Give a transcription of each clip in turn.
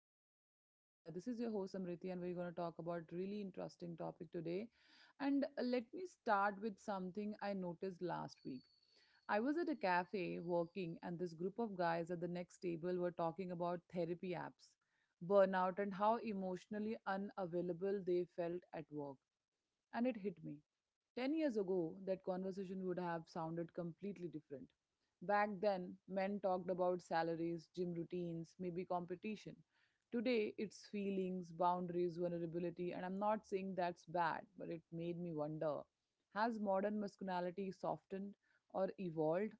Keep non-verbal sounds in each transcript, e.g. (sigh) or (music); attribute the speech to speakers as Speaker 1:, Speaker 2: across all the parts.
Speaker 1: today. And this is your host Samriti, and we're going to talk about really interesting topic today. And let me start with something I noticed last week. I was at a cafe working, and this group of guys at the next table were talking about therapy apps, burnout, and how emotionally unavailable they felt at work. And it hit me. 10 years ago, that conversation would have sounded completely different. Back then, men talked about salaries, gym routines, maybe competition. Today, it's feelings, boundaries, vulnerability, and I'm not saying that's bad, but it made me wonder, has modern masculinity softened or evolved?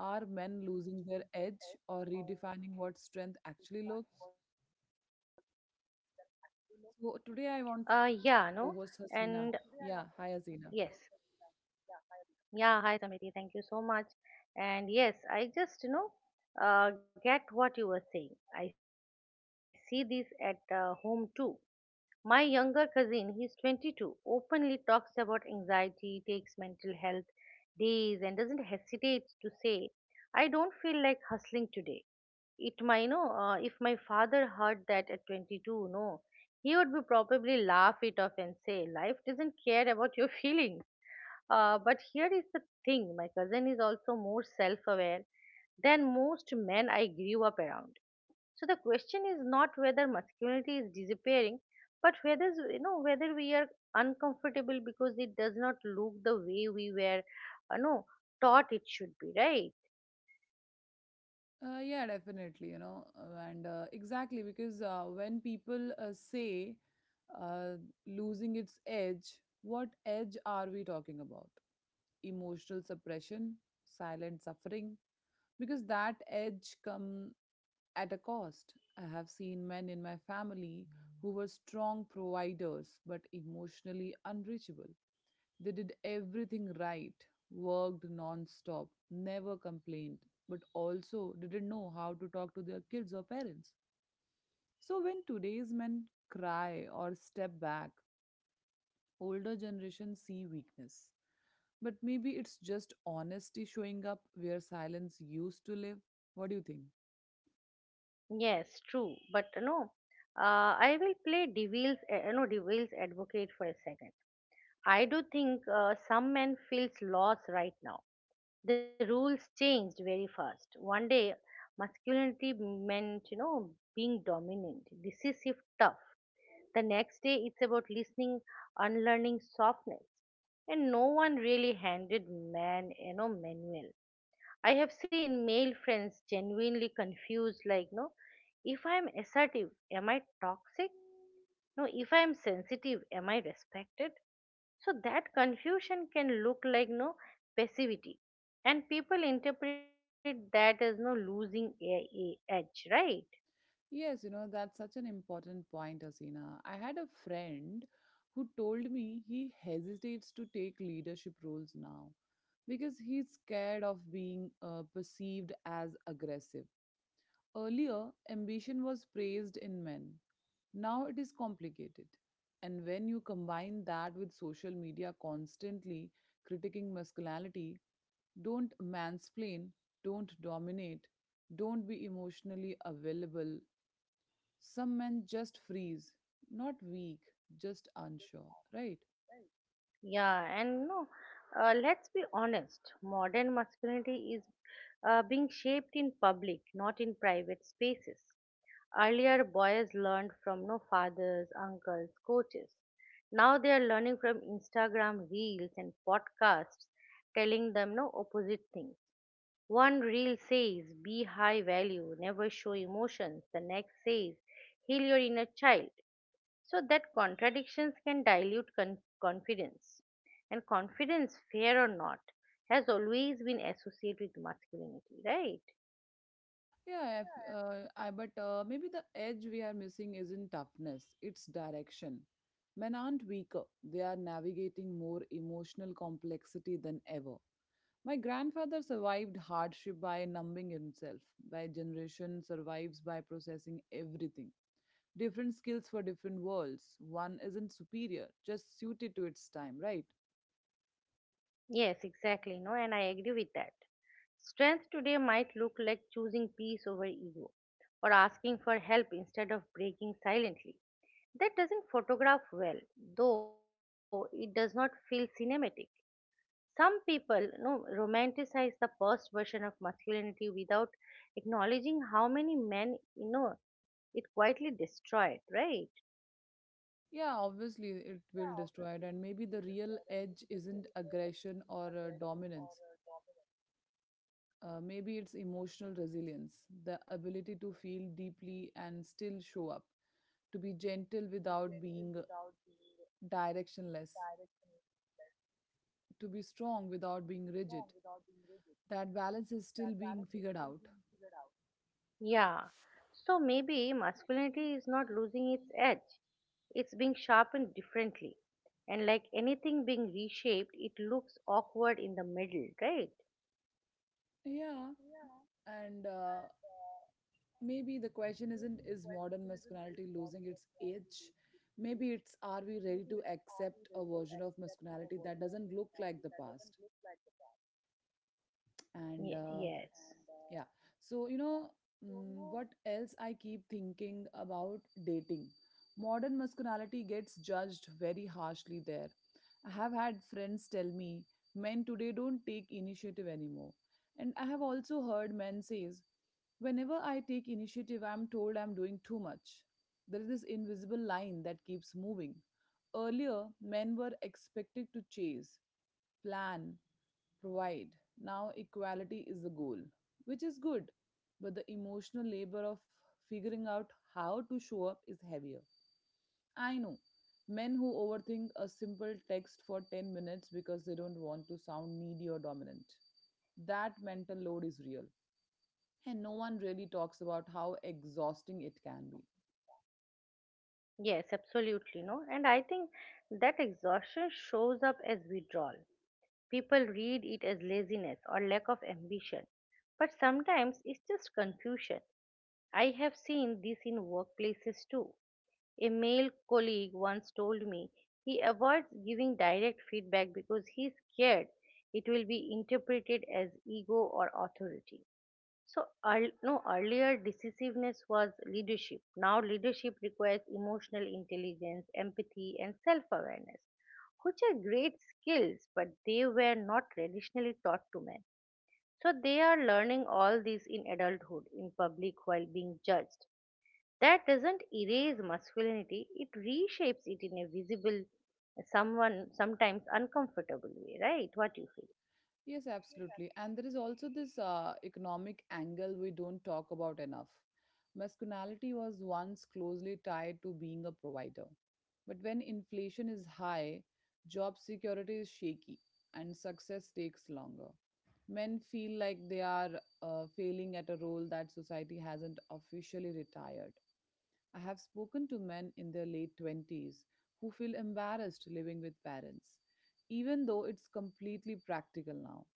Speaker 1: Are men losing their edge
Speaker 2: Men
Speaker 1: or
Speaker 2: losing
Speaker 1: redefining
Speaker 2: their
Speaker 1: what
Speaker 2: edge
Speaker 1: strength
Speaker 2: or
Speaker 1: actually
Speaker 2: redefining
Speaker 1: looks?
Speaker 2: what them actually look.
Speaker 1: So, today I
Speaker 2: Yeah,
Speaker 1: want to
Speaker 2: no,
Speaker 1: co
Speaker 2: and
Speaker 1: host
Speaker 2: Today I
Speaker 1: Hasina.
Speaker 2: want to
Speaker 1: Yeah, hi,
Speaker 2: yes, discuss,
Speaker 1: Hasina.
Speaker 2: yeah, I agree. Yeah. Hi, Samriti. Thank you so much. And yes, I just get what you were saying. I see this at home too. My younger cousin, he's 22, openly talks about anxiety, takes mental health days, and doesn't hesitate to say, "I don't feel like hustling today." It might, if my father heard that at 22, no, he would be probably laugh it off and say life doesn't care about your (laughs) feelings. Uh, but here is the thing, my cousin is also more self-aware than most men I grew up around. So the question is not whether masculinity is disappearing, but whether whether we are uncomfortable because it does not look the way we were, no, taught it should be, right?
Speaker 1: Yeah, definitely, and exactly, because when people say uh, losing its edge, what edge are we talking about? Emotional suppression, silent suffering, because that edge come at a cost. I have seen men in my family who were strong providers but emotionally unreachable. They did everything right, worked non-stop, never complained, but also didn't know how to talk to their kids or parents. So when today's men cry or step back, older generations see weakness. But maybe it's just honesty showing up where silence used to live. What do you think?
Speaker 2: Yes, true. But no, I will play devil's advocate for a second. I do think some men feels lost right now. The rules changed very fast. One day, masculinity meant, being dominant, decisive, tough. The next day, it's about listening, unlearning softness. And no one really handed manual. I have seen male friends genuinely confused, like, no, if I'm assertive, am I toxic? No, if I'm sensitive, am I respected? So that confusion can look like, no, passivity, and people interpret that as, no, losing edge, right?
Speaker 1: Yes, that's such an important point, Asina. I had a friend who told me he hesitates to take leadership roles now because he's scared of being perceived as aggressive. Earlier, ambition was praised in men. Now it is complicated. And when you combine that with social media constantly critiquing masculinity, don't mansplain, don't dominate, don't be emotionally available, some men just freeze, not weak, just unsure, right?
Speaker 2: Yeah, and no, let's be honest. Modern masculinity is being shaped in public, not in private spaces. Earlier, boys learned from, no, fathers, uncles, coaches. Now they are learning from Instagram reels and podcasts telling them, no, opposite things. One reel says, be high value, never show emotions. The next says, heal your inner child. So that contradictions can dilute confidence. And confidence, fair or not, has always been associated with masculinity, right?
Speaker 1: Yeah, if, I, but maybe the edge we are missing isn't toughness, it's direction. Men aren't weaker, they are navigating more emotional complexity than ever. My grandfather survived hardship by numbing himself. My generation survives by processing everything. Different skills for different worlds. One isn't superior, just suited to its time, right?
Speaker 2: Yes, exactly. No, and I agree with that. Strength today might look like choosing peace over ego or asking for help instead of breaking silently. That doesn't photograph well, though it does not feel cinematic. Some people, no, romanticize the past version of masculinity without acknowledging how many men, it quietly destroyed, right?
Speaker 1: Yeah, obviously it will destroy it, and maybe the real edge isn't aggression or dominance. Maybe it's emotional resilience, the ability to feel deeply and still show up, to be gentle without being directionless, to be strong without being rigid. That balance is still being figured out.
Speaker 2: Yeah. So maybe masculinity is not losing its edge. It's being sharpened differently. And like anything being reshaped, it looks awkward in the middle, right?
Speaker 1: Yeah, and maybe the question isn't, is modern masculinity losing its edge? Maybe it's, are we ready to accept a version of masculinity that doesn't look like the past? And
Speaker 2: Yes.
Speaker 1: Yeah. So, what else I keep thinking about dating? Modern masculinity gets judged very harshly there. I have had friends tell me, men today don't take initiative anymore. And I have also heard men says, whenever I take initiative, I'm told I'm doing too much. There is this invisible line that keeps moving. Earlier, men were expected to chase, plan, provide. Now, equality is the goal, which is good, but the emotional labor of figuring out how to show up is heavier. I know men who overthink a simple text for 10 minutes because they don't want to sound needy or dominant. That mental load is real, and no one really talks about how exhausting it can be.
Speaker 2: Yes, absolutely. No. And I think that exhaustion shows up as withdrawal. People read it as laziness or lack of ambition. But sometimes it's just confusion. I have seen this in workplaces too. A male colleague once told me he avoids giving direct feedback because he's scared it will be interpreted as ego or authority. So, earl- no, earlier decisiveness was leadership. Now, leadership requires emotional intelligence, empathy, and self awareness, which are great skills, but they were not traditionally taught to men. So, they are learning all this in adulthood, in public, while being judged. That doesn't erase masculinity, it reshapes it in a visible, someone sometimes uncomfortable way, right? What you feel.
Speaker 1: Yes, absolutely. And there is also this economic angle we don't talk about enough. Masculinity was once closely tied to being a provider. But when inflation is high, job security is shaky, and success takes longer. Men feel like they are failing at a role that society hasn't officially retired. I have spoken to men in their late 20s who feel embarrassed living with parents, even though it's completely practical now.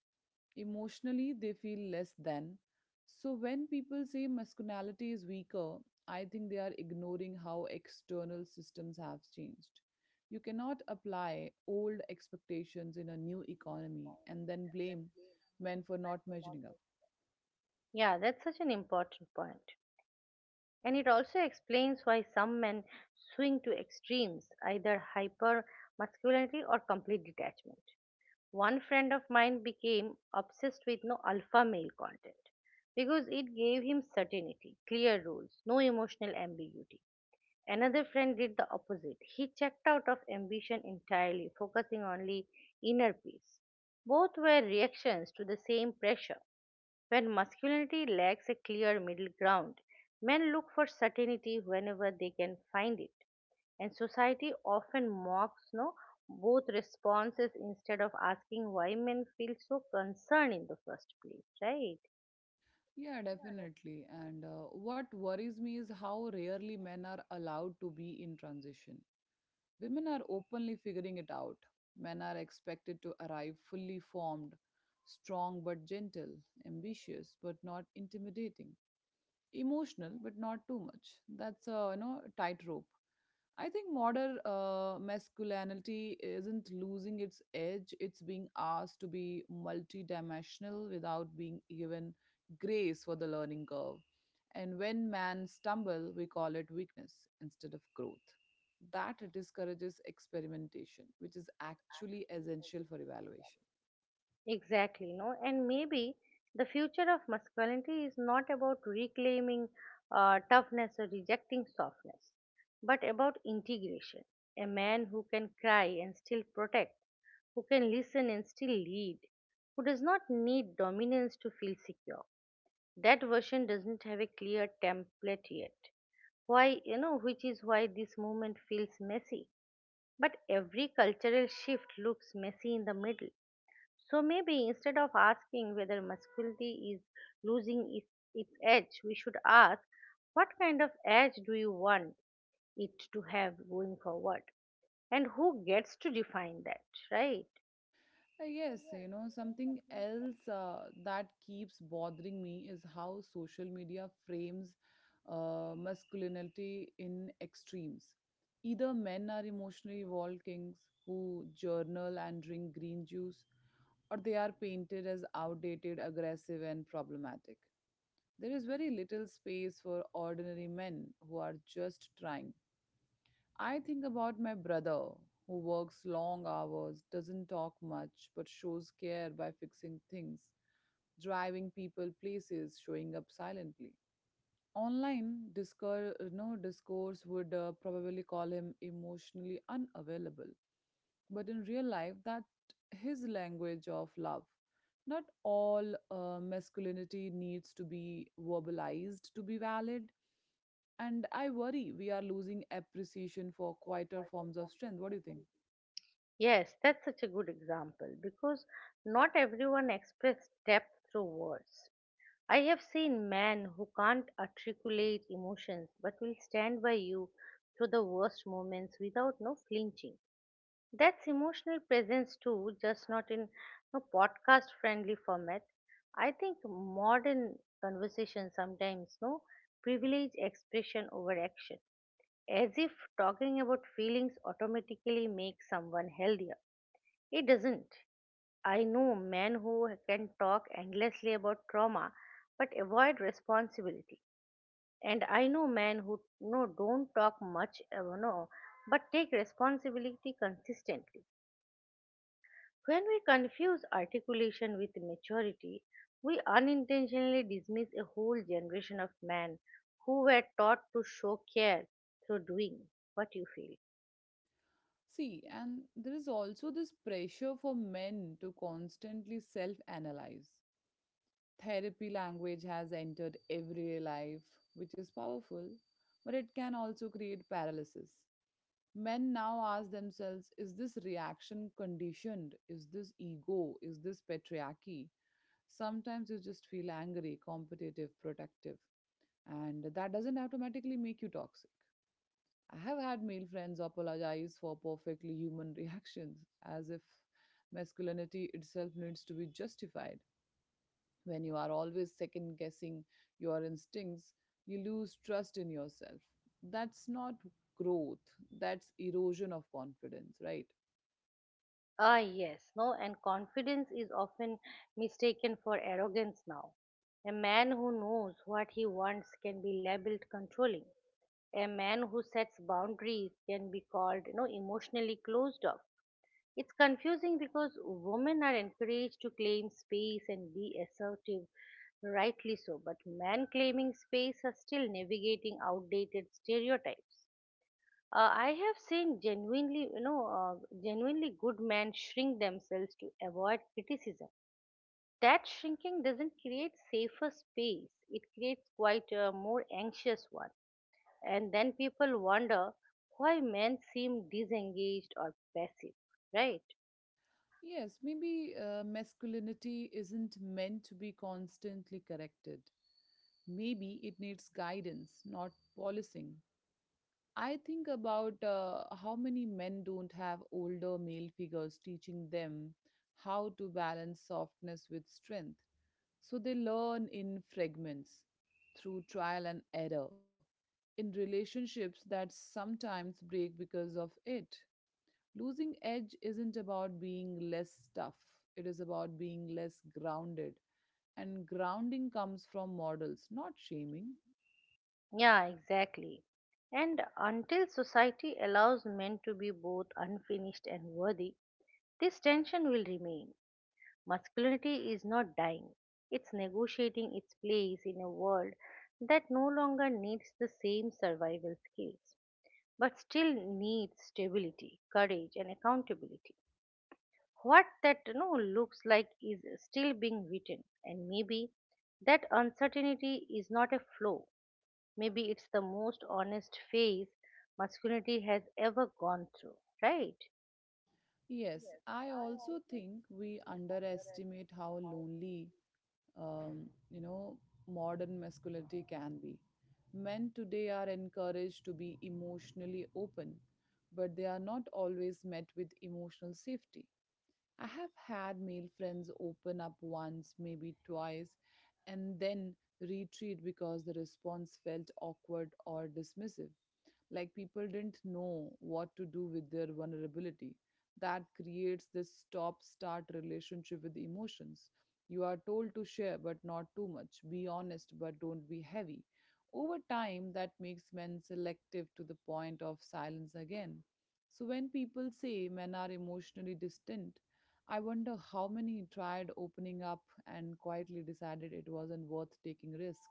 Speaker 1: Emotionally, they feel less than. So when people say masculinity is weaker, I think they are ignoring how external systems have changed. You cannot apply old expectations in a new economy and then blame men for not measuring up.
Speaker 2: Yeah, that's such an important point. And it also explains why some men swing to extremes, either hyper masculinity or complete detachment. One friend of mine became obsessed with, no, alpha male content because it gave him certainty, clear rules, no emotional ambiguity. Another friend did the opposite. He checked out of ambition entirely, focusing only inner peace. Both were reactions to the same pressure. When masculinity lacks a clear middle ground, men look for certainty whenever they can find it. And society often mocks, no, both responses instead of asking why men feel so concerned in the first place, right?
Speaker 1: Yeah, definitely. And what worries me is how rarely men are allowed to be in transition. Women are openly figuring it out. Men are expected to arrive fully formed, strong but gentle, ambitious but not intimidating, emotional but not too much. That's a tightrope. I think modern masculinity isn't losing its edge. It's being asked to be multidimensional without being given grace for the learning curve. And when men stumble, we call it weakness instead of growth. That discourages experimentation, which is actually essential for evaluation.
Speaker 2: Exactly, no, and maybe the future of masculinity is not about reclaiming toughness or rejecting softness, but about integration. A man who can cry and still protect, who can listen and still lead, who does not need dominance to feel secure. That version doesn't have a clear template yet. Why, which is why this movement feels messy. But every cultural shift looks messy in the middle. So maybe instead of asking whether masculinity is losing its edge, we should ask what kind of edge do you want it to have going forward? And who gets to define that, right?
Speaker 1: Yes, something else that keeps bothering me is how social media frames masculinity in extremes. Either men are emotionally wall kings who journal and drink green juice, or they are painted as outdated, aggressive, and problematic. There is very little space for ordinary men who are just trying. I think about my brother who works long hours, doesn't talk much, but shows care by fixing things, driving people places, showing up silently. Online discourse, no, discourse would probably call him emotionally unavailable, but in real life, that his language of love. Not all masculinity needs to be verbalized to be valid, and I worry we are losing appreciation for quieter forms of strength. What do you think?
Speaker 2: Yes, that's such a good example because not everyone expresses depth through words. I have seen men who can't articulate emotions but will stand by you through the worst moments without, no, flinching. That's emotional presence too, just not in a podcast friendly format. I think modern conversation sometimes, no, privilege expression over action, as if talking about feelings automatically makes someone healthier. It doesn't. I know men who can talk endlessly about trauma but avoid responsibility. And I know men who, no, don't talk much, no but take responsibility consistently. When we confuse articulation with maturity, we unintentionally dismiss a whole generation of men who were taught to show care through doing, what you feel.
Speaker 1: See, and there is also this pressure for men to constantly self analyze. Therapy language has entered everyday life, which is powerful, but it can also create paralysis. Men now ask themselves, is this reaction conditioned? Is this ego? Is this patriarchy? Sometimes you just feel angry, competitive, protective, and that doesn't automatically make you toxic. I have had male friends apologize for perfectly human (laughs) reactions, as if masculinity itself needs to be justified. When you are always second guessing your instincts, you lose trust in yourself. That's not growth, that's erosion of confidence, right?
Speaker 2: Ah, yes, no, and confidence is often mistaken for arrogance now. A man who knows what he wants can be labeled controlling. A man who sets boundaries can be called, emotionally closed off. It's confusing because women are encouraged to claim space and be assertive, rightly so, but men claiming space are still navigating outdated stereotypes. I have seen genuinely good men shrink themselves to avoid criticism. That shrinking doesn't create safer space; it creates quite a more anxious one. And then people wonder why men seem disengaged or passive, right?
Speaker 1: Yes, maybe masculinity isn't meant to be constantly corrected. Maybe it needs guidance, not policing. I think about how many men don't have older male figures teaching them how to balance softness with strength. So they learn in fragments, through trial and error, in relationships that sometimes break because of it. Losing edge isn't about being less tough, it is about being less grounded. And grounding comes from models, not shaming.
Speaker 2: Yeah, exactly. And until society allows men to be both unfinished and worthy, this tension will remain. Masculinity is not dying, it's negotiating its place in a world that no longer needs the same survival skills, but still needs stability, courage, and accountability. What that, looks like is still being written, and maybe that uncertainty is not a flaw. Maybe it's the most honest phase masculinity has ever gone through, right?
Speaker 1: Yes, I also think we underestimate how lonely, um, you know, modern masculinity can be. Men today are encouraged to be emotionally open, but they are not always met with emotional safety. I have had male friends open up once, maybe twice, and then retreat because the response felt awkward or dismissive, like people didn't know what to do with their vulnerability. That creates this stop start relationship with emotions. You are told to share but not too much, be honest but don't be heavy. Over time, that makes men selective to the point of silence again. So when people say men are emotionally distant, I wonder how many tried opening up and quietly decided it wasn't worth taking risk.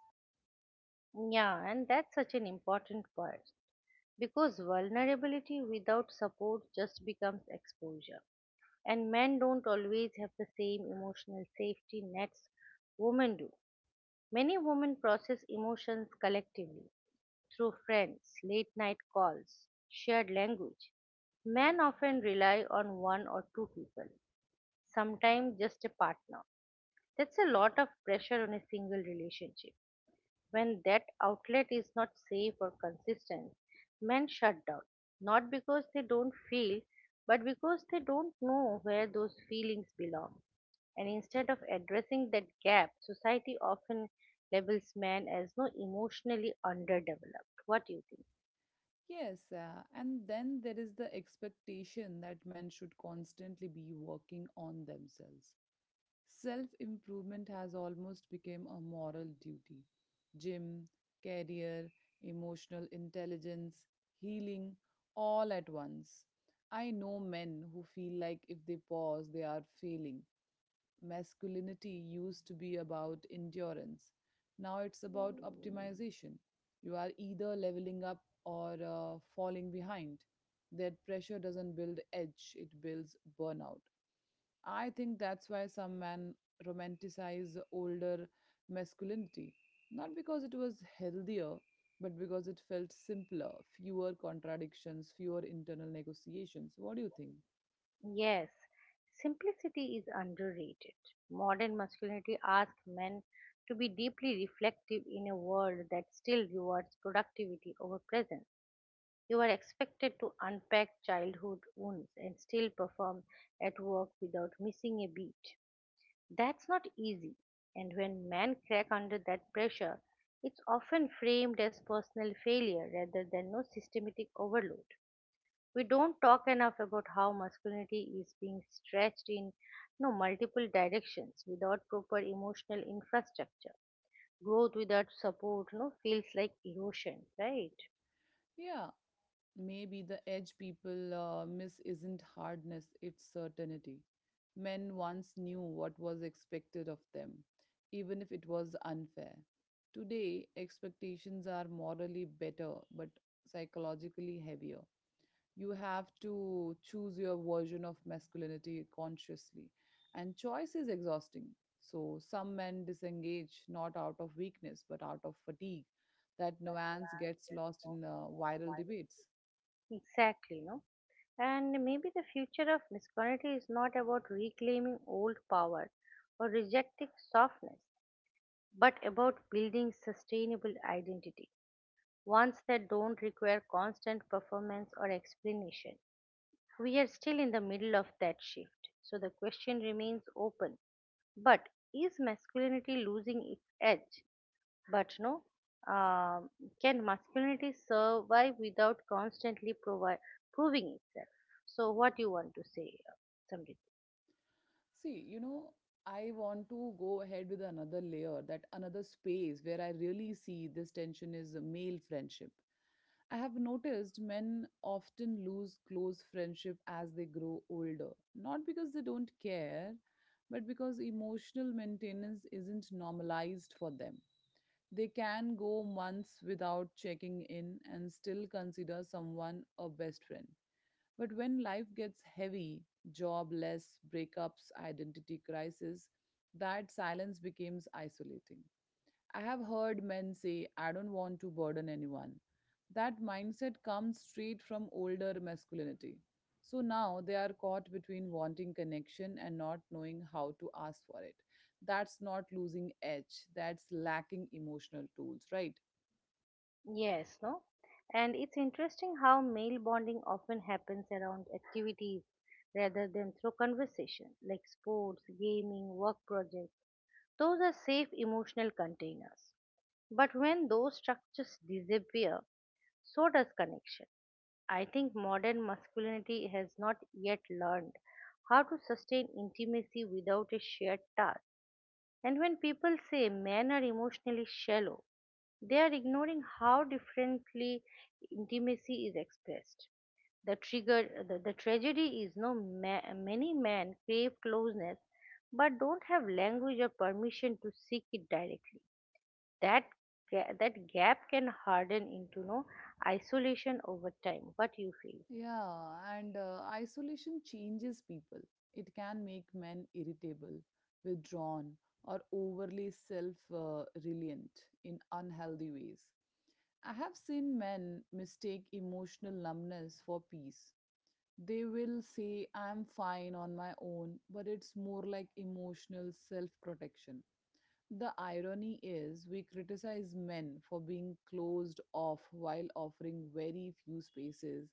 Speaker 2: Yeah, and that's such an important part because vulnerability without support just becomes exposure. And men don't always have the same emotional safety nets women do. Many women process emotions collectively through friends, late night calls, shared language. Men often rely on one or two people, sometimes just a partner. That's a lot of pressure on a single relationship. When that outlet is not safe or consistent, men shut down, not because they don't feel, but because they don't know where those feelings belong. And instead of addressing that gap, society often labels men as, no, emotionally underdeveloped. What do you think?
Speaker 1: Yes, and then there is the expectation that men should constantly be working on themselves. Self improvement has almost become a moral duty. Gym, career, emotional intelligence, healing, all at once. I know men who feel like if they pause, they are failing. Masculinity used to be about endurance. Now it's about optimization. You are either leveling up or falling behind. That pressure doesn't build edge, it builds burnout. I think that's why some men romanticize older masculinity. Not because it was healthier, but because it felt simpler, fewer contradictions, fewer internal negotiations. What do you think?
Speaker 2: Yes, simplicity is underrated. Modern masculinity asks men to be deeply reflective in a world that still rewards productivity over presence. You are expected to unpack childhood wounds and still perform at work without missing a beat. That's not easy, and when men crack under that pressure, it's often framed as personal failure rather than, no, systematic overload. We don't talk enough about how masculinity is being stretched in, no, multiple directions without proper emotional infrastructure. Growth without support, no, feels like erosion, right?
Speaker 1: Yeah, maybe the edge people miss isn't hardness, it's certainty. Men once knew what was expected of them, even if it was unfair. Today, expectations are morally better but psychologically heavier. You have to choose your version of masculinity consciously, and choice is exhausting. So, some men disengage not out of weakness but out of fatigue. That nuance gets lost in viral debates.
Speaker 2: Exactly, no? And maybe the future of masculinity is not about reclaiming old power or rejecting softness, but about building sustainable identity, ones that don't require constant performance or explanation. We are still in the middle of that shift, so the question remains open. But is masculinity losing its edge? But no, um can masculinity survive without constantly proving itself? So, what you want to say, Samrit?
Speaker 1: See, I want to go ahead with another layer, that another space where I really see this tension is a male friendship. I have noticed men often lose close friendship as they grow older, not because they don't care, but because emotional maintenance isn't normalized for them. They can go months without checking in and still consider someone a best friend. But when life gets heavy, jobless, breakups, identity crisis, that silence becomes isolating. I have heard men say, I don't want to burden anyone. That mindset comes straight from older masculinity. So now they are caught between wanting connection and not knowing how to ask for it. That's not losing edge, that's lacking emotional tools, right?
Speaker 2: Yes, no? And it's interesting how male bonding often happens around activities rather than through conversation, like sports, gaming, work projects. Those are safe emotional containers. But when those structures disappear, so does connection. I think modern masculinity has not yet learned how to sustain intimacy without a shared task. And when people say men are emotionally shallow, they are ignoring how differently intimacy is expressed. The tragedy is, no, many men crave closeness but don't have language or permission to seek it directly. That that gap can harden into, no, isolation over time. What do you feel?
Speaker 1: Yeah, and isolation changes people. It can make men irritable, withdrawn, or overly self reliant in unhealthy ways. I have seen men mistake emotional numbness for peace. They will say, I'm fine on my own, but it's more like emotional self protection. The irony is, we criticize men for being closed off while offering very few spaces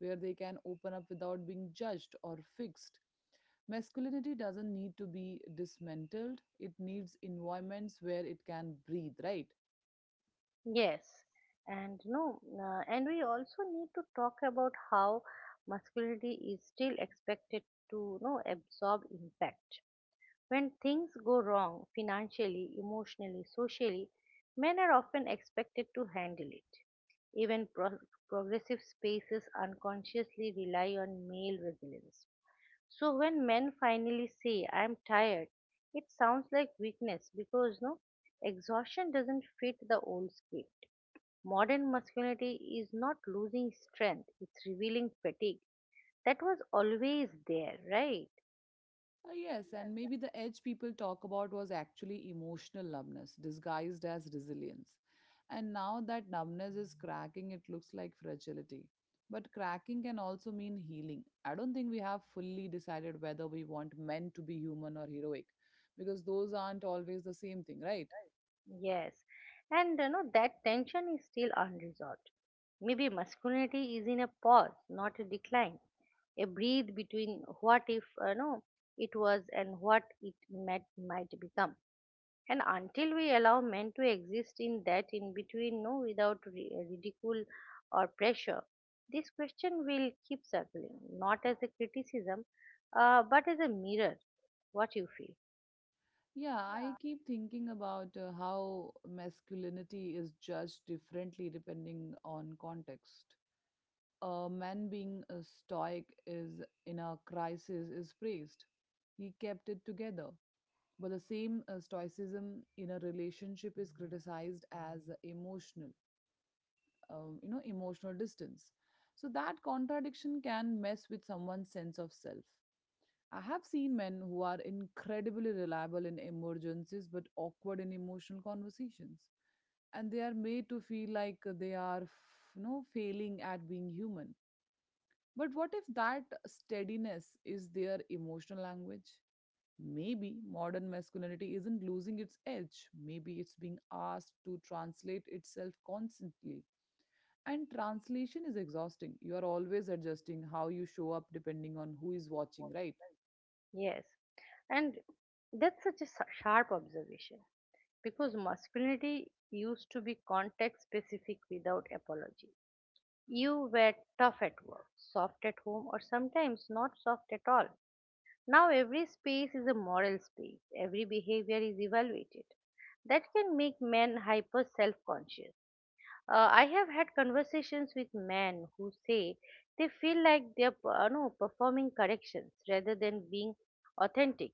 Speaker 1: where they can open up without being judged or fixed. Masculinity doesn't need to be dismantled, it needs environments where it can breathe, right?
Speaker 2: Yes, and no, and we also need to talk about how masculinity is still expected to, no, absorb impact. When things go wrong financially, emotionally, socially, men are often expected to handle it. Even progressive spaces unconsciously rely on male resilience. So when men finally say, "I'm tired," it sounds like weakness because, no, exhaustion doesn't fit the old script. Modern masculinity is not losing strength, it's revealing fatigue. That was always there, right?
Speaker 1: Yes, and maybe the edge people talk about was actually emotional numbness disguised as resilience. And now that numbness is cracking, it looks like fragility. But cracking can also mean healing. I don't think we have fully decided whether we want men to be human or heroic, because those aren't always the same thing, right?
Speaker 2: Yes. And that tension is still unresolved. Maybe masculinity is in a pause, not a decline. A breathe between what if, no, it was and what it might become. And until we allow men to exist in that in between, no, without ridicule or pressure, this question will keep circling, not as a criticism, but as a mirror, what you feel.
Speaker 1: Yeah, I keep thinking about how masculinity is judged differently depending on context. A man being a stoic is in a crisis is praised. He kept it together. But the same stoicism in a relationship is criticized as emotional, emotional distance. So that contradiction can mess with someone's sense of self. I have seen men who are incredibly reliable in emergencies but awkward in emotional conversations and they are made to feel like they are failing at being human, but what if that steadiness is their emotional language? Maybe modern masculinity isn't losing its edge. Maybe it's being asked to translate itself constantly. And translation is exhausting. You are always adjusting how you show up depending on who is watching, right?
Speaker 2: Yes. And that's such a sharp observation because masculinity used to be context specific without apology. You were tough at work, soft at home, or sometimes not soft at all. Now, every space is a moral space, every behavior is evaluated. That can make men hyper self conscious. I have had conversations with men who say they feel like they're no, performing corrections rather than being authentic.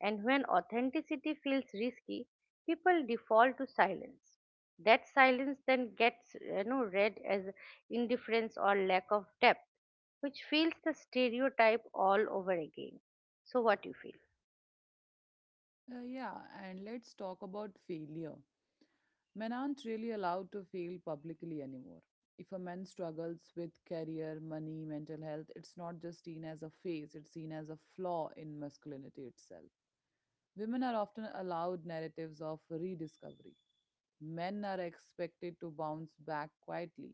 Speaker 2: And when authenticity feels risky, people default to silence. That silence then gets read as indifference or lack of depth, which feels the stereotype all over again. So, what you feel?
Speaker 1: Yeah, and let's talk about failure. Men aren't really allowed to fail publicly anymore. If a man struggles with career, money, mental health, it's not just seen as a phase, it's seen as a flaw in masculinity itself. Women are often allowed narratives of rediscovery. Men are expected to bounce back quietly.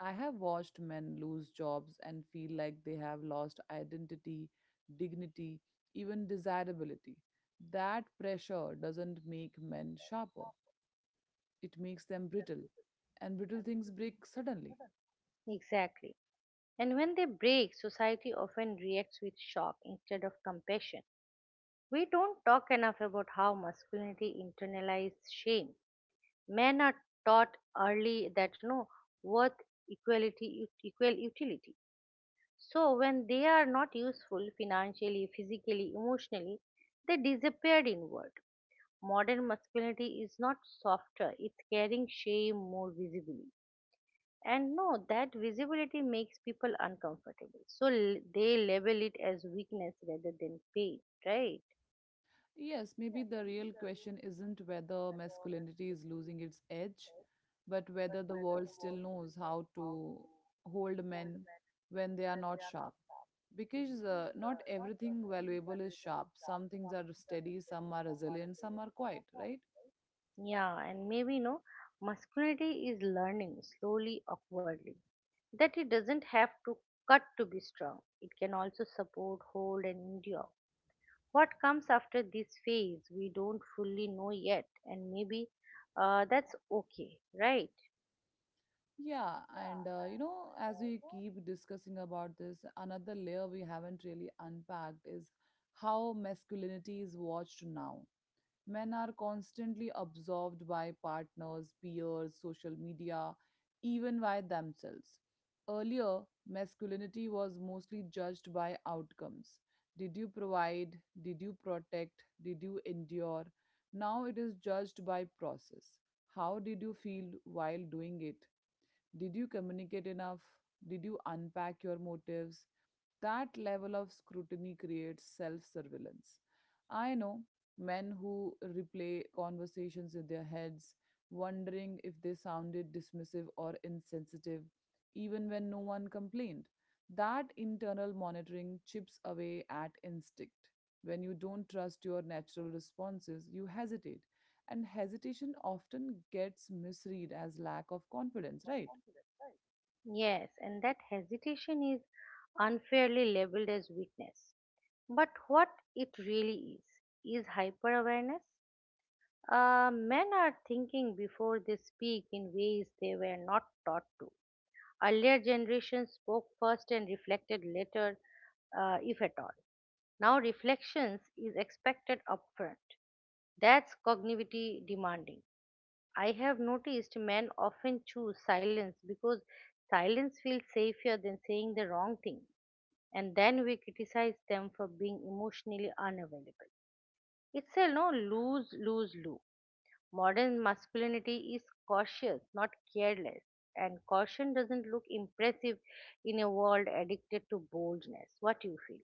Speaker 1: I have watched men lose jobs and feel like they have lost identity, dignity, even desirability. That pressure doesn't make men sharper, it makes them brittle. And brittle things break suddenly.
Speaker 2: Exactly. And when they break, society often reacts with shock instead of compassion. We don't talk enough about how masculinity internalized shame. Men taught early that no worth equality equal utility. So when they are not useful financially, physically, emotionally, they disappeared inward. Modern masculinity is not softer, it's carrying shame more visibly. And no, that visibility makes people uncomfortable. So they label it as weakness rather than pain, right?
Speaker 1: Yes, maybe the real question isn't whether masculinity is losing its edge, but whether the world still knows how to hold men when they are not sharp. Because not everything valuable is sharp. Some things are steady, some are resilient, some are quiet, right?
Speaker 2: Yeah, and maybe no, masculinity is learning slowly, awkwardly, that it doesn't have to cut to be strong. It can also support, hold, and endure. What comes after this phase, we don't fully know yet, and maybe that's okay, right?
Speaker 1: Yeah, and as we keep discussing about this, another layer we haven't really unpacked is how masculinity is watched now. Men are constantly absorbed by partners, peers, social media, even by themselves. Earlier, masculinity was mostly judged by outcomes. Did you provide? Did you protect? Did you endure? Now it is judged by process. How did you feel while doing it? Did you communicate enough? Did you unpack your motives? That level of scrutiny creates self surveillance. I know men who replay conversations in their heads, wondering if they sounded dismissive or insensitive, even when no one complained. That internal monitoring chips away at instinct. When you don't trust your natural responses, you hesitate. And hesitation often gets misread as lack of confidence, right?
Speaker 2: Yes, and that hesitation is unfairly labeled as weakness. But what it really is hyper awareness. Men are thinking before they speak in ways they were not taught to. Earlier generations spoke first and reflected later, if at all. Now, reflections is expected upfront. That's cognitively demanding. I have noticed men often choose silence because silence feels safer than saying the wrong thing, and then we criticize them for being emotionally unavailable. It's a no lose, lose, lose. Modern masculinity is cautious, not careless, and caution doesn't look impressive in a world addicted to boldness. What you feel?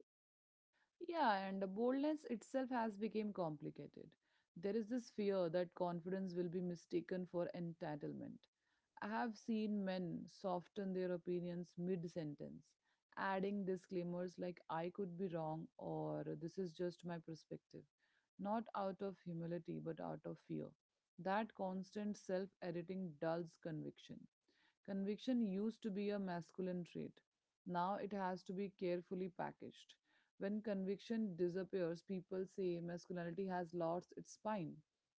Speaker 1: Yeah, and the boldness itself has become complicated. There is this fear that confidence will be mistaken for entitlement. I have seen men soften their opinions mid sentence, adding disclaimers like I could be wrong or this is just my perspective, not out of humility but out of fear. That constant self editing dulls conviction. Conviction used to be a masculine trait. Now it has to be carefully packaged. When conviction disappears, people say masculinity has lost its spine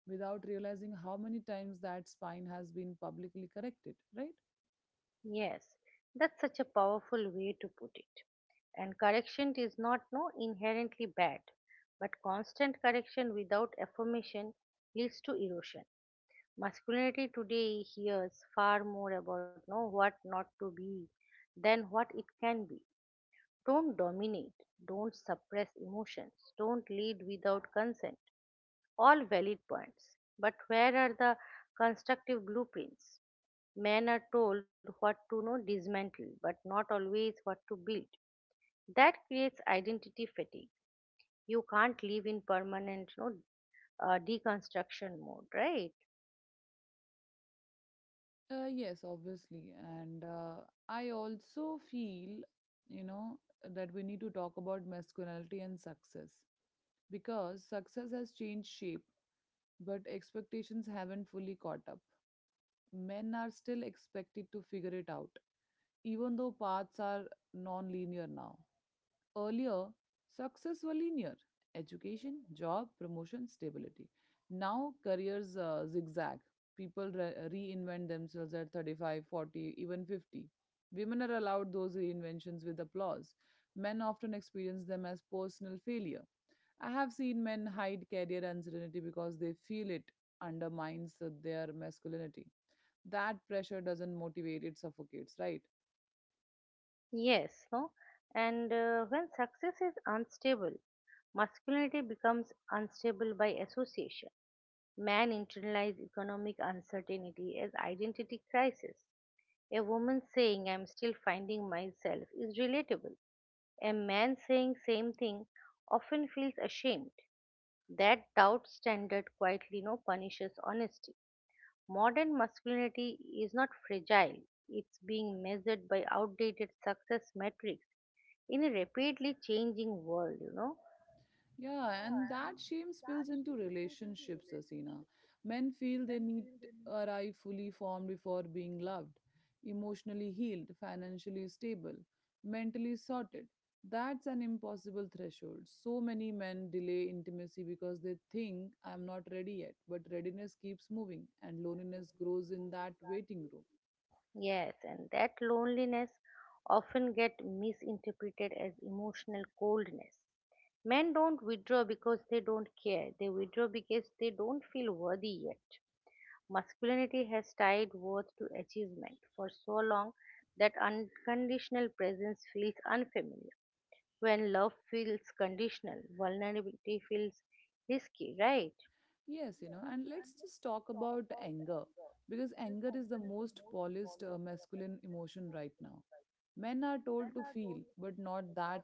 Speaker 1: without realizing how many times that spine has been publicly corrected, right?
Speaker 2: Yes, that's such a powerful way to put it. And correction is not no inherently bad, but constant correction without affirmation leads to erosion. Masculinity today hears far more about no what not to be than what it can be. Don't dominate, don't suppress emotions, don't lead without consent. All valid points. But where are the constructive blueprints? Men are told what to know, dismantle, but not always what to build. That creates identity fatigue. You can't live in permanent no, deconstruction mode, right?
Speaker 1: Yes, obviously. And I also feel, you know, that we need to talk about masculinity and success because success has changed shape, but expectations haven't fully caught up. Men are still expected to figure it out, even though paths are non linear now. Earlier, success were linear education, job, promotion, stability. Now, careers zigzag. Reinvent themselves at 35, 40, even 50. Women are allowed those reinventions with applause. Men often experience them as personal failure. I have seen men hide career uncertainty because they feel it undermines their masculinity. That pressure doesn't motivate, it suffocates, right?
Speaker 2: Yes, no? And when success is unstable, masculinity becomes unstable by association. Man internalizes economic uncertainty as identity crisis. A woman saying, I'm still finding myself, is relatable. A man saying same thing often feels ashamed. That doubt standard quietly no punishes honesty. Modern masculinity is not fragile, it's being measured by outdated success metrics in a rapidly changing world, you know.
Speaker 1: Yeah, and that shame spills into relationships, asina men feel they need to arrive fully formed before being loved, emotionally healed, financially stable, mentally sorted. That's an impossible threshold. So many men delay intimacy because they think I'm not ready yet, but readiness keeps moving, and loneliness grows in that waiting room.
Speaker 2: Yes, and that loneliness often get misinterpreted as emotional coldness. Men don't withdraw because they don't care. They withdraw because they don't feel worthy yet. Masculinity has tied worth to achievement for so long that unconditional presence feels unfamiliar. When love feels conditional, vulnerability feels risky, right?
Speaker 1: Yes, you know, and let's just talk about anger because anger is the most polished masculine emotion right now. Men are told to feel, but not that.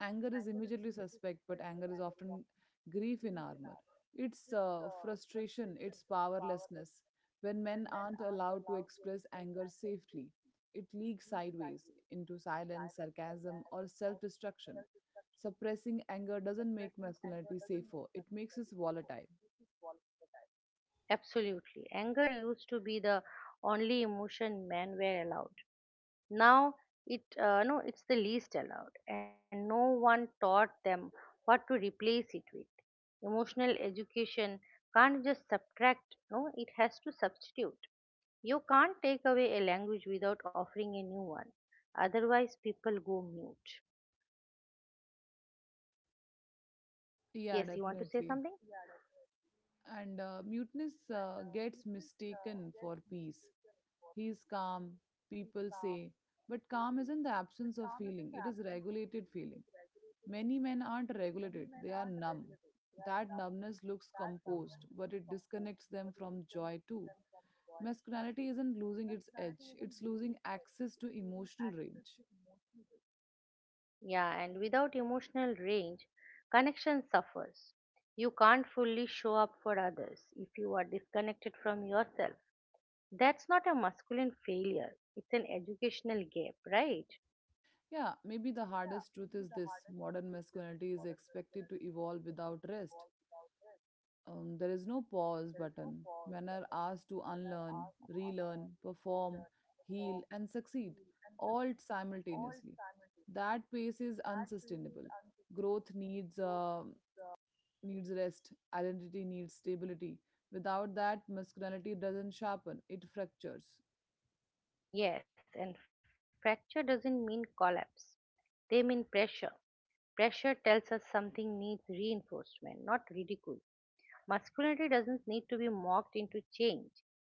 Speaker 1: Anger is immediately suspect, but anger is often grief in armor. It's frustration, it's powerlessness. When men aren't allowed to express anger safely, it leaks sideways into silence, sarcasm, or self destruction. Suppressing anger doesn't make masculinity safer, it makes it volatile.
Speaker 2: Absolutely. Anger used to be the only emotion men were allowed. Now it no, it's the least allowed, and no one taught them what to replace it with. Emotional education can't just subtract. No, it has to substitute. You can't take away a language without offering a new one. Otherwise, people go mute.
Speaker 1: Yeah,
Speaker 2: Yes, you want to say
Speaker 1: definitely.
Speaker 2: something?
Speaker 1: And muteness gets mistaken for peace. He's calm, people say. But calm isn't the absence of feeling, it is regulated feeling. Many men aren't regulated, they are numb. That numbness looks composed, but it disconnects them from joy too. Masculinity isn't losing its edge, it's losing access to emotional range.
Speaker 2: Yeah, and without emotional range, connection suffers. You can't fully show up for others if you are disconnected from yourself. That's not a masculine failure, it's an educational gap, right?
Speaker 1: Yeah, maybe the hardest truth is this: modern masculinity is expected to evolve without rest. There is no pause button. Men are asked to unlearn, relearn, perform, heal, and succeed all simultaneously. That pace is unsustainable. Growth needs rest. Identity needs stability. Without that, masculinity doesn't sharpen; it fractures.
Speaker 2: Yes, and fracture doesn't mean collapse, they mean pressure. Pressure tells us something needs reinforcement, not ridicule. Masculinity doesn't need to be mocked into change.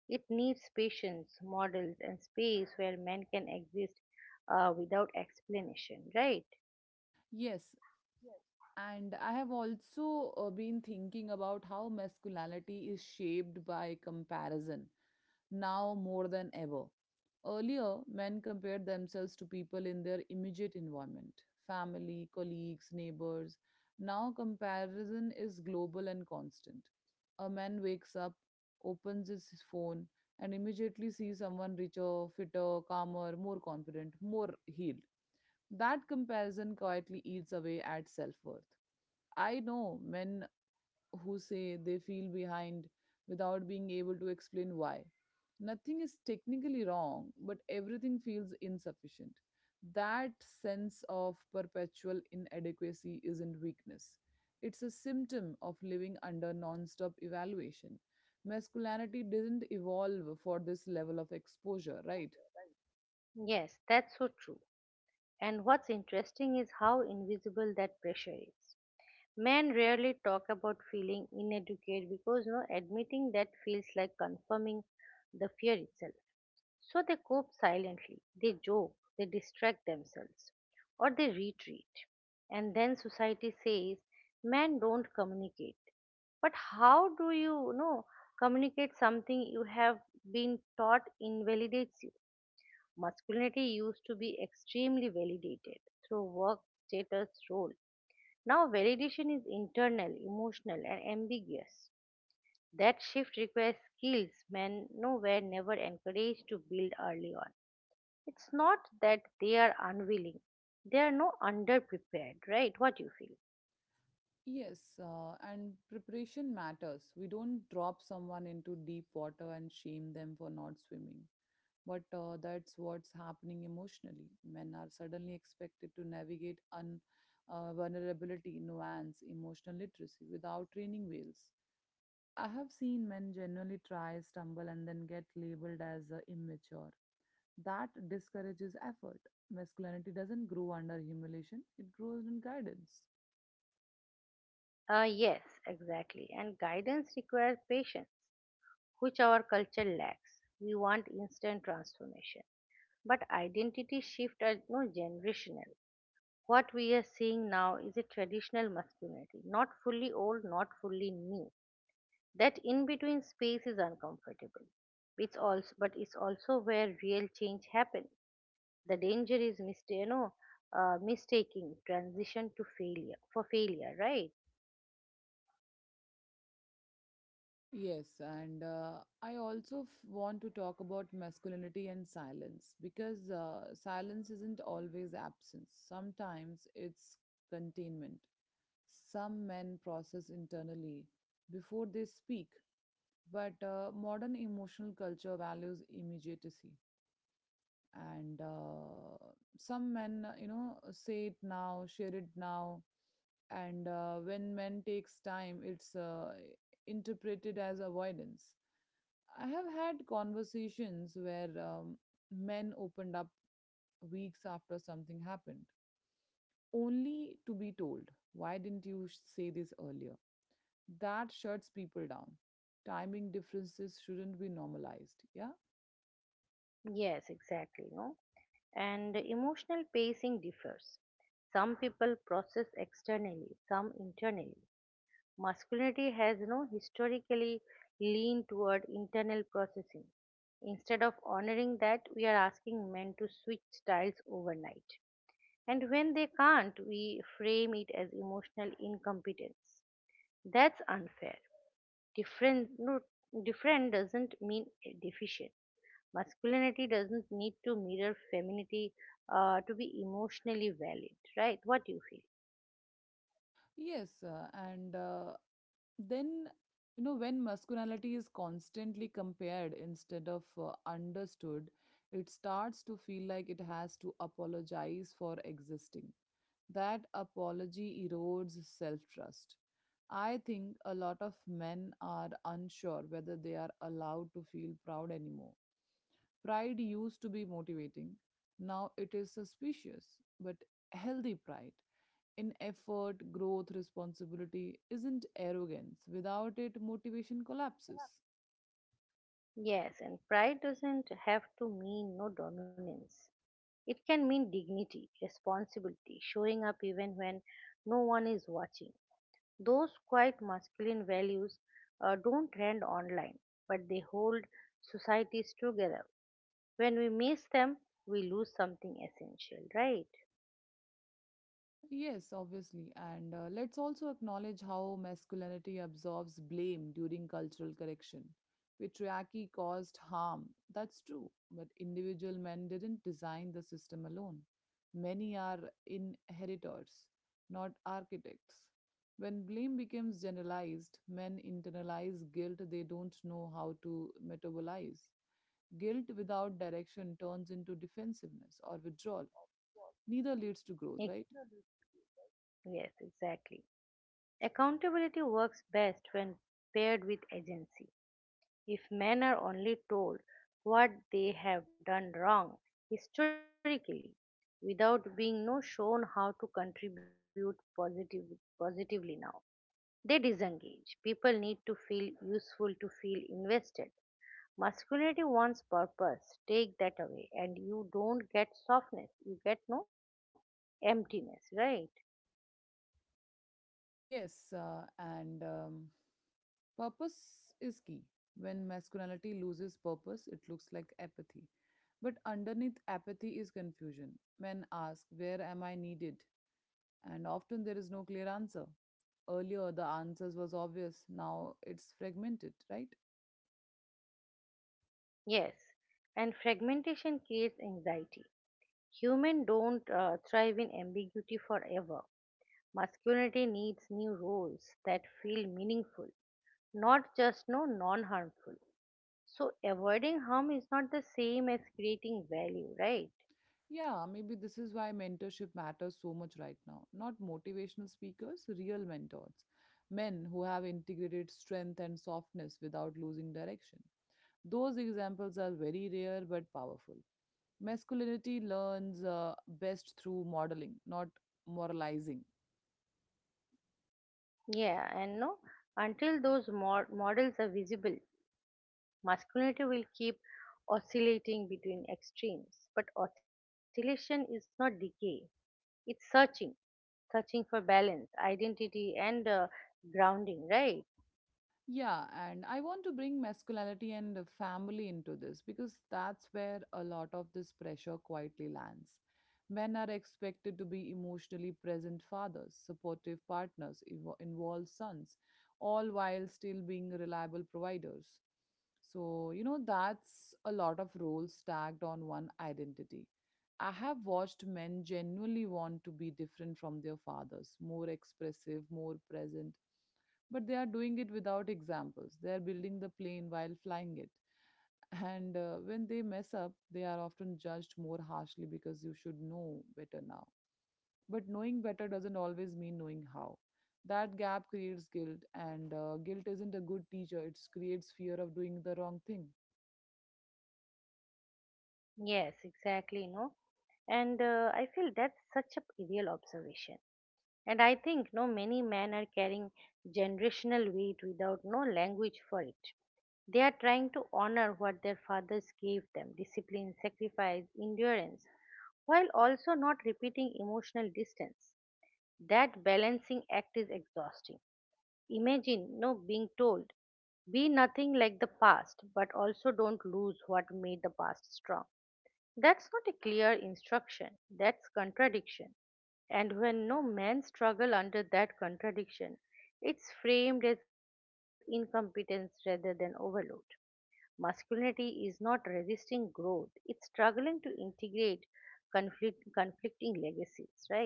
Speaker 2: It needs patience, models, and space where men can exist without explanation, right?
Speaker 1: Yes, and I have also been thinking about how masculinity is shaped by comparison now more than ever. Earlier, men compared themselves to people in their immediate environment: family, colleagues, neighbors. Now, comparison is global and constant. A man wakes up, opens his phone, and immediately sees someone richer, fitter, calmer, more confident, more healed. That comparison quietly eats away at self worth. I know men who say they feel behind without being able to explain why. Nothing is technically wrong, but everything feels insufficient. That sense of perpetual inadequacy isn't weakness. It's a symptom of living under non-stop evaluation. Masculinity didn't evolve for this level of exposure, right?
Speaker 2: Yes, that's so true. And what's interesting is how invisible that pressure is. Men rarely talk about feeling inadequate because no admitting that feels like confirming the fear itself. So they cope silently, they joke, they distract themselves, or they retreat. And then society says, men don't communicate. But how do you, you know communicate something you have been taught invalidates you? Masculinity used to be extremely validated through work, status, role. Now validation is internal, emotional, and ambiguous. That shift requires skills men no were never encouraged to build early on. It's not that they are unwilling. They are no underprepared, right? What you feel?
Speaker 1: Yes, and preparation matters. We don't drop someone into deep water and shame them for not swimming. But that's what's happening emotionally. Men are suddenly expected to navigate vulnerability, nuance, emotional literacy without training wheels. I have seen men genuinely try, stumble, and then get labeled as immature. That discourages effort. Masculinity doesn't grow under humiliation, it grows in guidance.
Speaker 2: Yes, exactly. And guidance requires patience, which our culture lacks. We want instant transformation. But identity shift are no generational. What we are seeing now is a traditional masculinity, not fully old, not fully new. That in between space is uncomfortable. But it's also where real change happens. The danger is mistaking transition to failure for failure, right?
Speaker 1: Yes, and I also want to talk about masculinity and silence because silence isn't always absence. Sometimes it's containment. Some men process internally before they speak, but modern emotional culture values immediacy. And some men, say it now, share it now, and when men takes time, it's interpreted as avoidance. I have had conversations where men opened up weeks after something happened, only to be told, Why didn't you say this earlier? That shuts people down. Timing differences shouldn't be normalized. Yeah.
Speaker 2: Yes, exactly, no? And emotional pacing differs. Some people process externally, some internally. Masculinity has no historically leaned toward internal processing. Instead of honoring that, we are asking men to switch styles overnight, and when they can't, we frame it as emotional incompetence. That's unfair. Different no, different doesn't mean deficient. Masculinity doesn't need to mirror femininity to be emotionally valid, right? What do you feel?
Speaker 1: Yes. And then, you know, when masculinity is constantly compared instead of understood, it starts to feel like it has to apologize for existing. That apology erodes self trust. I think a lot of men are unsure whether they are allowed to feel proud anymore. Pride used to be motivating, now it is suspicious, but healthy pride in effort, growth, responsibility isn't arrogance. Without it, motivation collapses.
Speaker 2: Yes, and pride doesn't have to mean no dominance. It can mean dignity, responsibility, showing up even when no one is watching. Those quite masculine values don't trend online, but they hold societies together. When we miss them, we lose something essential, right?
Speaker 1: Yes, obviously. And let's also acknowledge how masculinity absorbs blame during cultural correction. Patriarchy caused harm, that's true, but individual men didn't design the system alone. Many are inheritors, not architects. When blame becomes generalized, men internalize guilt they don't know how to metabolize. Guilt without direction turns into defensiveness or withdrawal. Neither leads to growth,
Speaker 2: Ec-
Speaker 1: right?
Speaker 2: yes, exactly. Accountability works best when paired with agency. If men are only told what they have done wrong historically, without being no shown how to contribute positively now, they disengage. People need to feel useful to feel invested. Masculinity wants purpose. Take that away, and you don't get softness. You get no emptiness, right?
Speaker 1: Yes, and purpose is key. When masculinity loses purpose, it looks like apathy. But underneath apathy is confusion. Men ask, Where am I needed? And often there is no clear answer. Earlier, the answers was obvious. Now it's fragmented, right?
Speaker 2: Yes. And fragmentation creates anxiety. Humans don't thrive in ambiguity forever. Masculinity needs new roles that feel meaningful, not just no non harmful. So, avoiding harm is not the same as creating value, right?
Speaker 1: Yeah, maybe this is why mentorship matters so much right now. Not motivational speakers, real mentors. Men who have integrated strength and softness without losing direction. Those examples are very rare but powerful. Masculinity learns best through modeling, not moralizing.
Speaker 2: Yeah, and no, until those models are visible, masculinity will keep oscillating between extremes, but oscillation is not decay, it's searching, searching for balance, identity, and grounding, right?
Speaker 1: Yeah, and I want to bring masculinity and the family into this because that's where a lot of this pressure quietly lands. Men are expected to be emotionally present fathers, supportive partners, involved sons, all while still being reliable providers. So, you know, that's a lot of roles stacked on one identity. I have watched men genuinely want to be different from their fathers, more expressive, more present, but they are doing it without examples. They are building the plane while flying it. And when they mess up, they are often judged more harshly because you should know better now. But knowing better doesn't always mean knowing how. That gap creates guilt, and guilt isn't a good teacher. It creates fear of doing the wrong thing.
Speaker 2: Yes, exactly, no? And I feel that's such a real observation. And I think no many men are carrying generational weight without no language for it. They are trying to honor what their fathers gave them: discipline, sacrifice, endurance, while also not repeating emotional distance. That balancing act is exhausting. Imagine no being told, be nothing like the past, but also don't lose what made the past strong. That's not a clear instruction, that's contradiction. And when no men struggle under that contradiction, it's framed as incompetence rather than overload. Masculinity is not resisting growth, it's struggling to integrate conflicting legacies, right?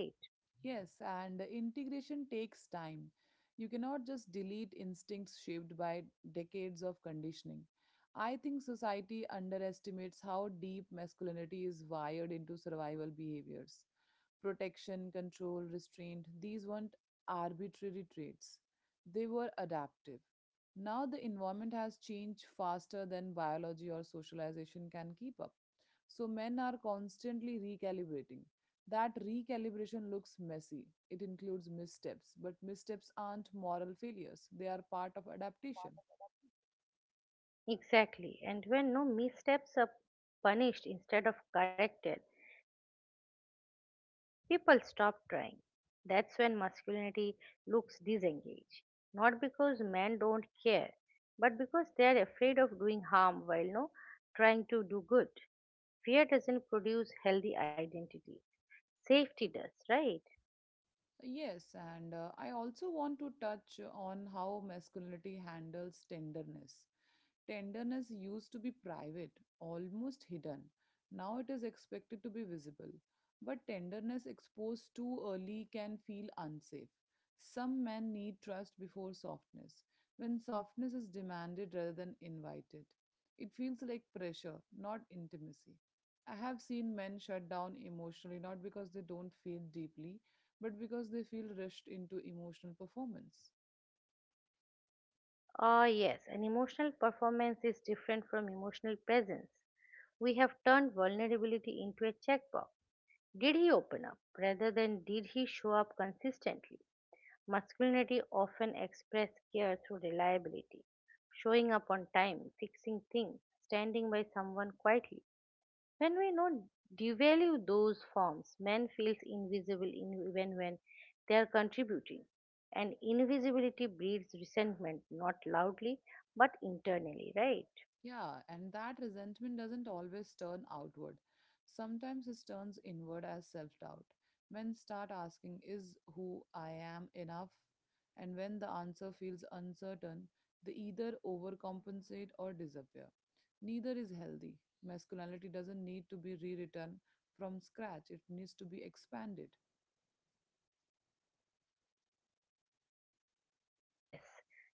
Speaker 1: Yes, and integration takes time. You cannot just delete instincts shaped by decades of conditioning. I think society underestimates how deep masculinity is wired into survival behaviors. Protection, control, restraint, these weren't arbitrary traits, they were adaptive. Now the environment has changed faster than biology or socialization can keep up. So men are constantly recalibrating. That recalibration looks messy. It includes missteps, but missteps aren't moral failures, they are part of adaptation.
Speaker 2: Exactly. And when no missteps are punished instead of corrected, people stop trying. That's when masculinity looks disengaged. Not because men don't care, but because they are afraid of doing harm while no trying to do good. Fear doesn't produce healthy identity. Safety does, right?
Speaker 1: Yes, and I also want to touch on how masculinity handles tenderness. Tenderness used to be private, almost hidden. Now it is expected to be visible. But tenderness exposed too early can feel unsafe. Some men need trust before softness, when softness is demanded rather than invited. It feels like pressure, not intimacy. I have seen men shut down emotionally not because they don't feel deeply, but because they feel rushed into emotional performance.
Speaker 2: Ah, yes, an emotional performance is different from emotional presence. We have turned vulnerability into a checkbox. Did he open up rather than did he show up consistently? Masculinity often expressed care through reliability, showing up on time, fixing things, standing by someone quietly. When we not devalue those forms, men feels invisible in, even when they are contributing. And invisibility breeds resentment, not loudly, but internally, right?
Speaker 1: Yeah, and that resentment doesn't always turn outward. Sometimes it turns inward as self doubt. Men start asking, Is who I am enough? And when the answer feels uncertain, they either overcompensate or disappear. Neither is healthy. Masculinity doesn't need to be rewritten from scratch, it needs to be expanded.
Speaker 2: Ah, yes,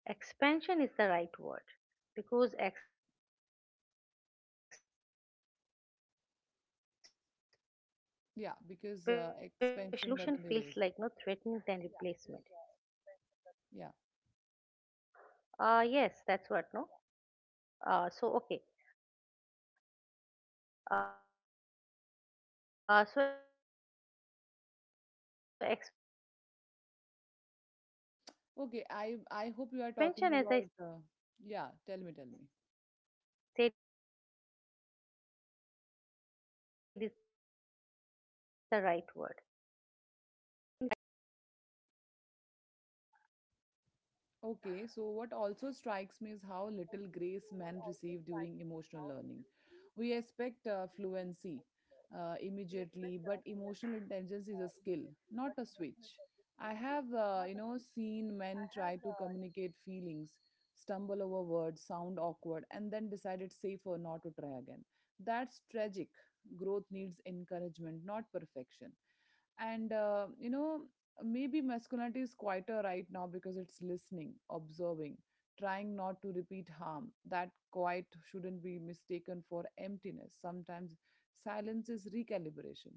Speaker 2: expansion is the right word because expansion doesn't erase; it includes, and inclusion feels like no
Speaker 1: Yeah,
Speaker 2: threatening
Speaker 1: because
Speaker 2: than replacement.
Speaker 1: expansion doesn't erase.
Speaker 2: Ah,
Speaker 1: Yeah.
Speaker 2: yes, that's what no. Okay, so expansion, as I said, is the right word because expansion doesn't erase; it includes, and inclusion feels less threatening than replacement. Men don't need to lose their edge to
Speaker 1: Okay, I,
Speaker 2: gain
Speaker 1: I hope
Speaker 2: emotional
Speaker 1: you are
Speaker 2: depth.
Speaker 1: talking about. Yeah, tell me, tell me.
Speaker 2: Yes, that's what. So I think you are getting me, right?
Speaker 1: Okay, so what also strikes me is how little grace men receive during emotional learning. We expect fluency immediately, but emotional intelligence is a skill, not a switch. I have, seen men try to communicate feelings, stumble over words, sound awkward, and then decide it's safer not to try again. That's tragic. Growth needs encouragement, not perfection. And, you know, maybe masculinity is quieter right now because it's listening, observing, trying not to repeat harm. That quiet shouldn't be mistaken for emptiness. Sometimes silence is recalibration.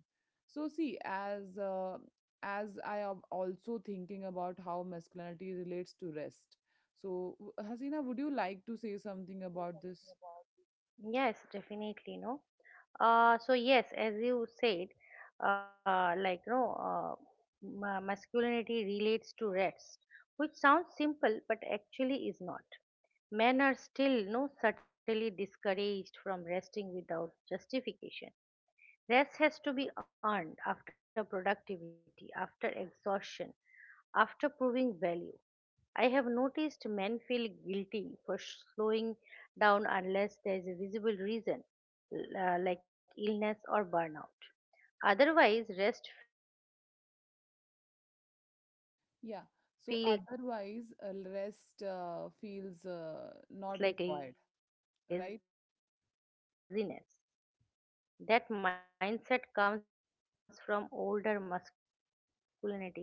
Speaker 1: So, see, as I am also thinking about how masculinity relates to rest, so Hasina, would you like to say something about this?
Speaker 2: Yes, definitely, no. So yes, as you said, like no, masculinity relates to rest, which sounds simple but actually is not. Men are still no subtly discouraged from resting without justification. Rest has to be earned after productivity, after exhaustion, after proving value. I have noticed men feel guilty for slowing down unless there is a visible reason, like illness or burnout. Otherwise, rest feels like laziness. That mindset comes from
Speaker 1: Yeah,
Speaker 2: older
Speaker 1: so
Speaker 2: masculinity,
Speaker 1: otherwise
Speaker 2: where
Speaker 1: rest
Speaker 2: constant
Speaker 1: uh,
Speaker 2: motion.
Speaker 1: feels uh, not required, right?
Speaker 2: Yes, exactly. Otherwise, rest feels like not required.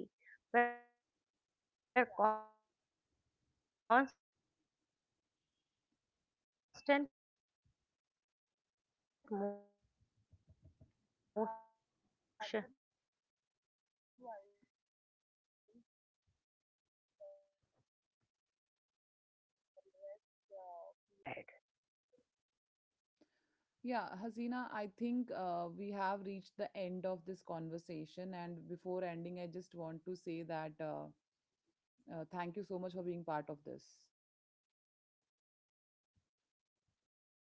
Speaker 1: Yeah, Hasina, I think we have reached the end of this conversation. And before ending, I just want to say that thank you so much for being part of this.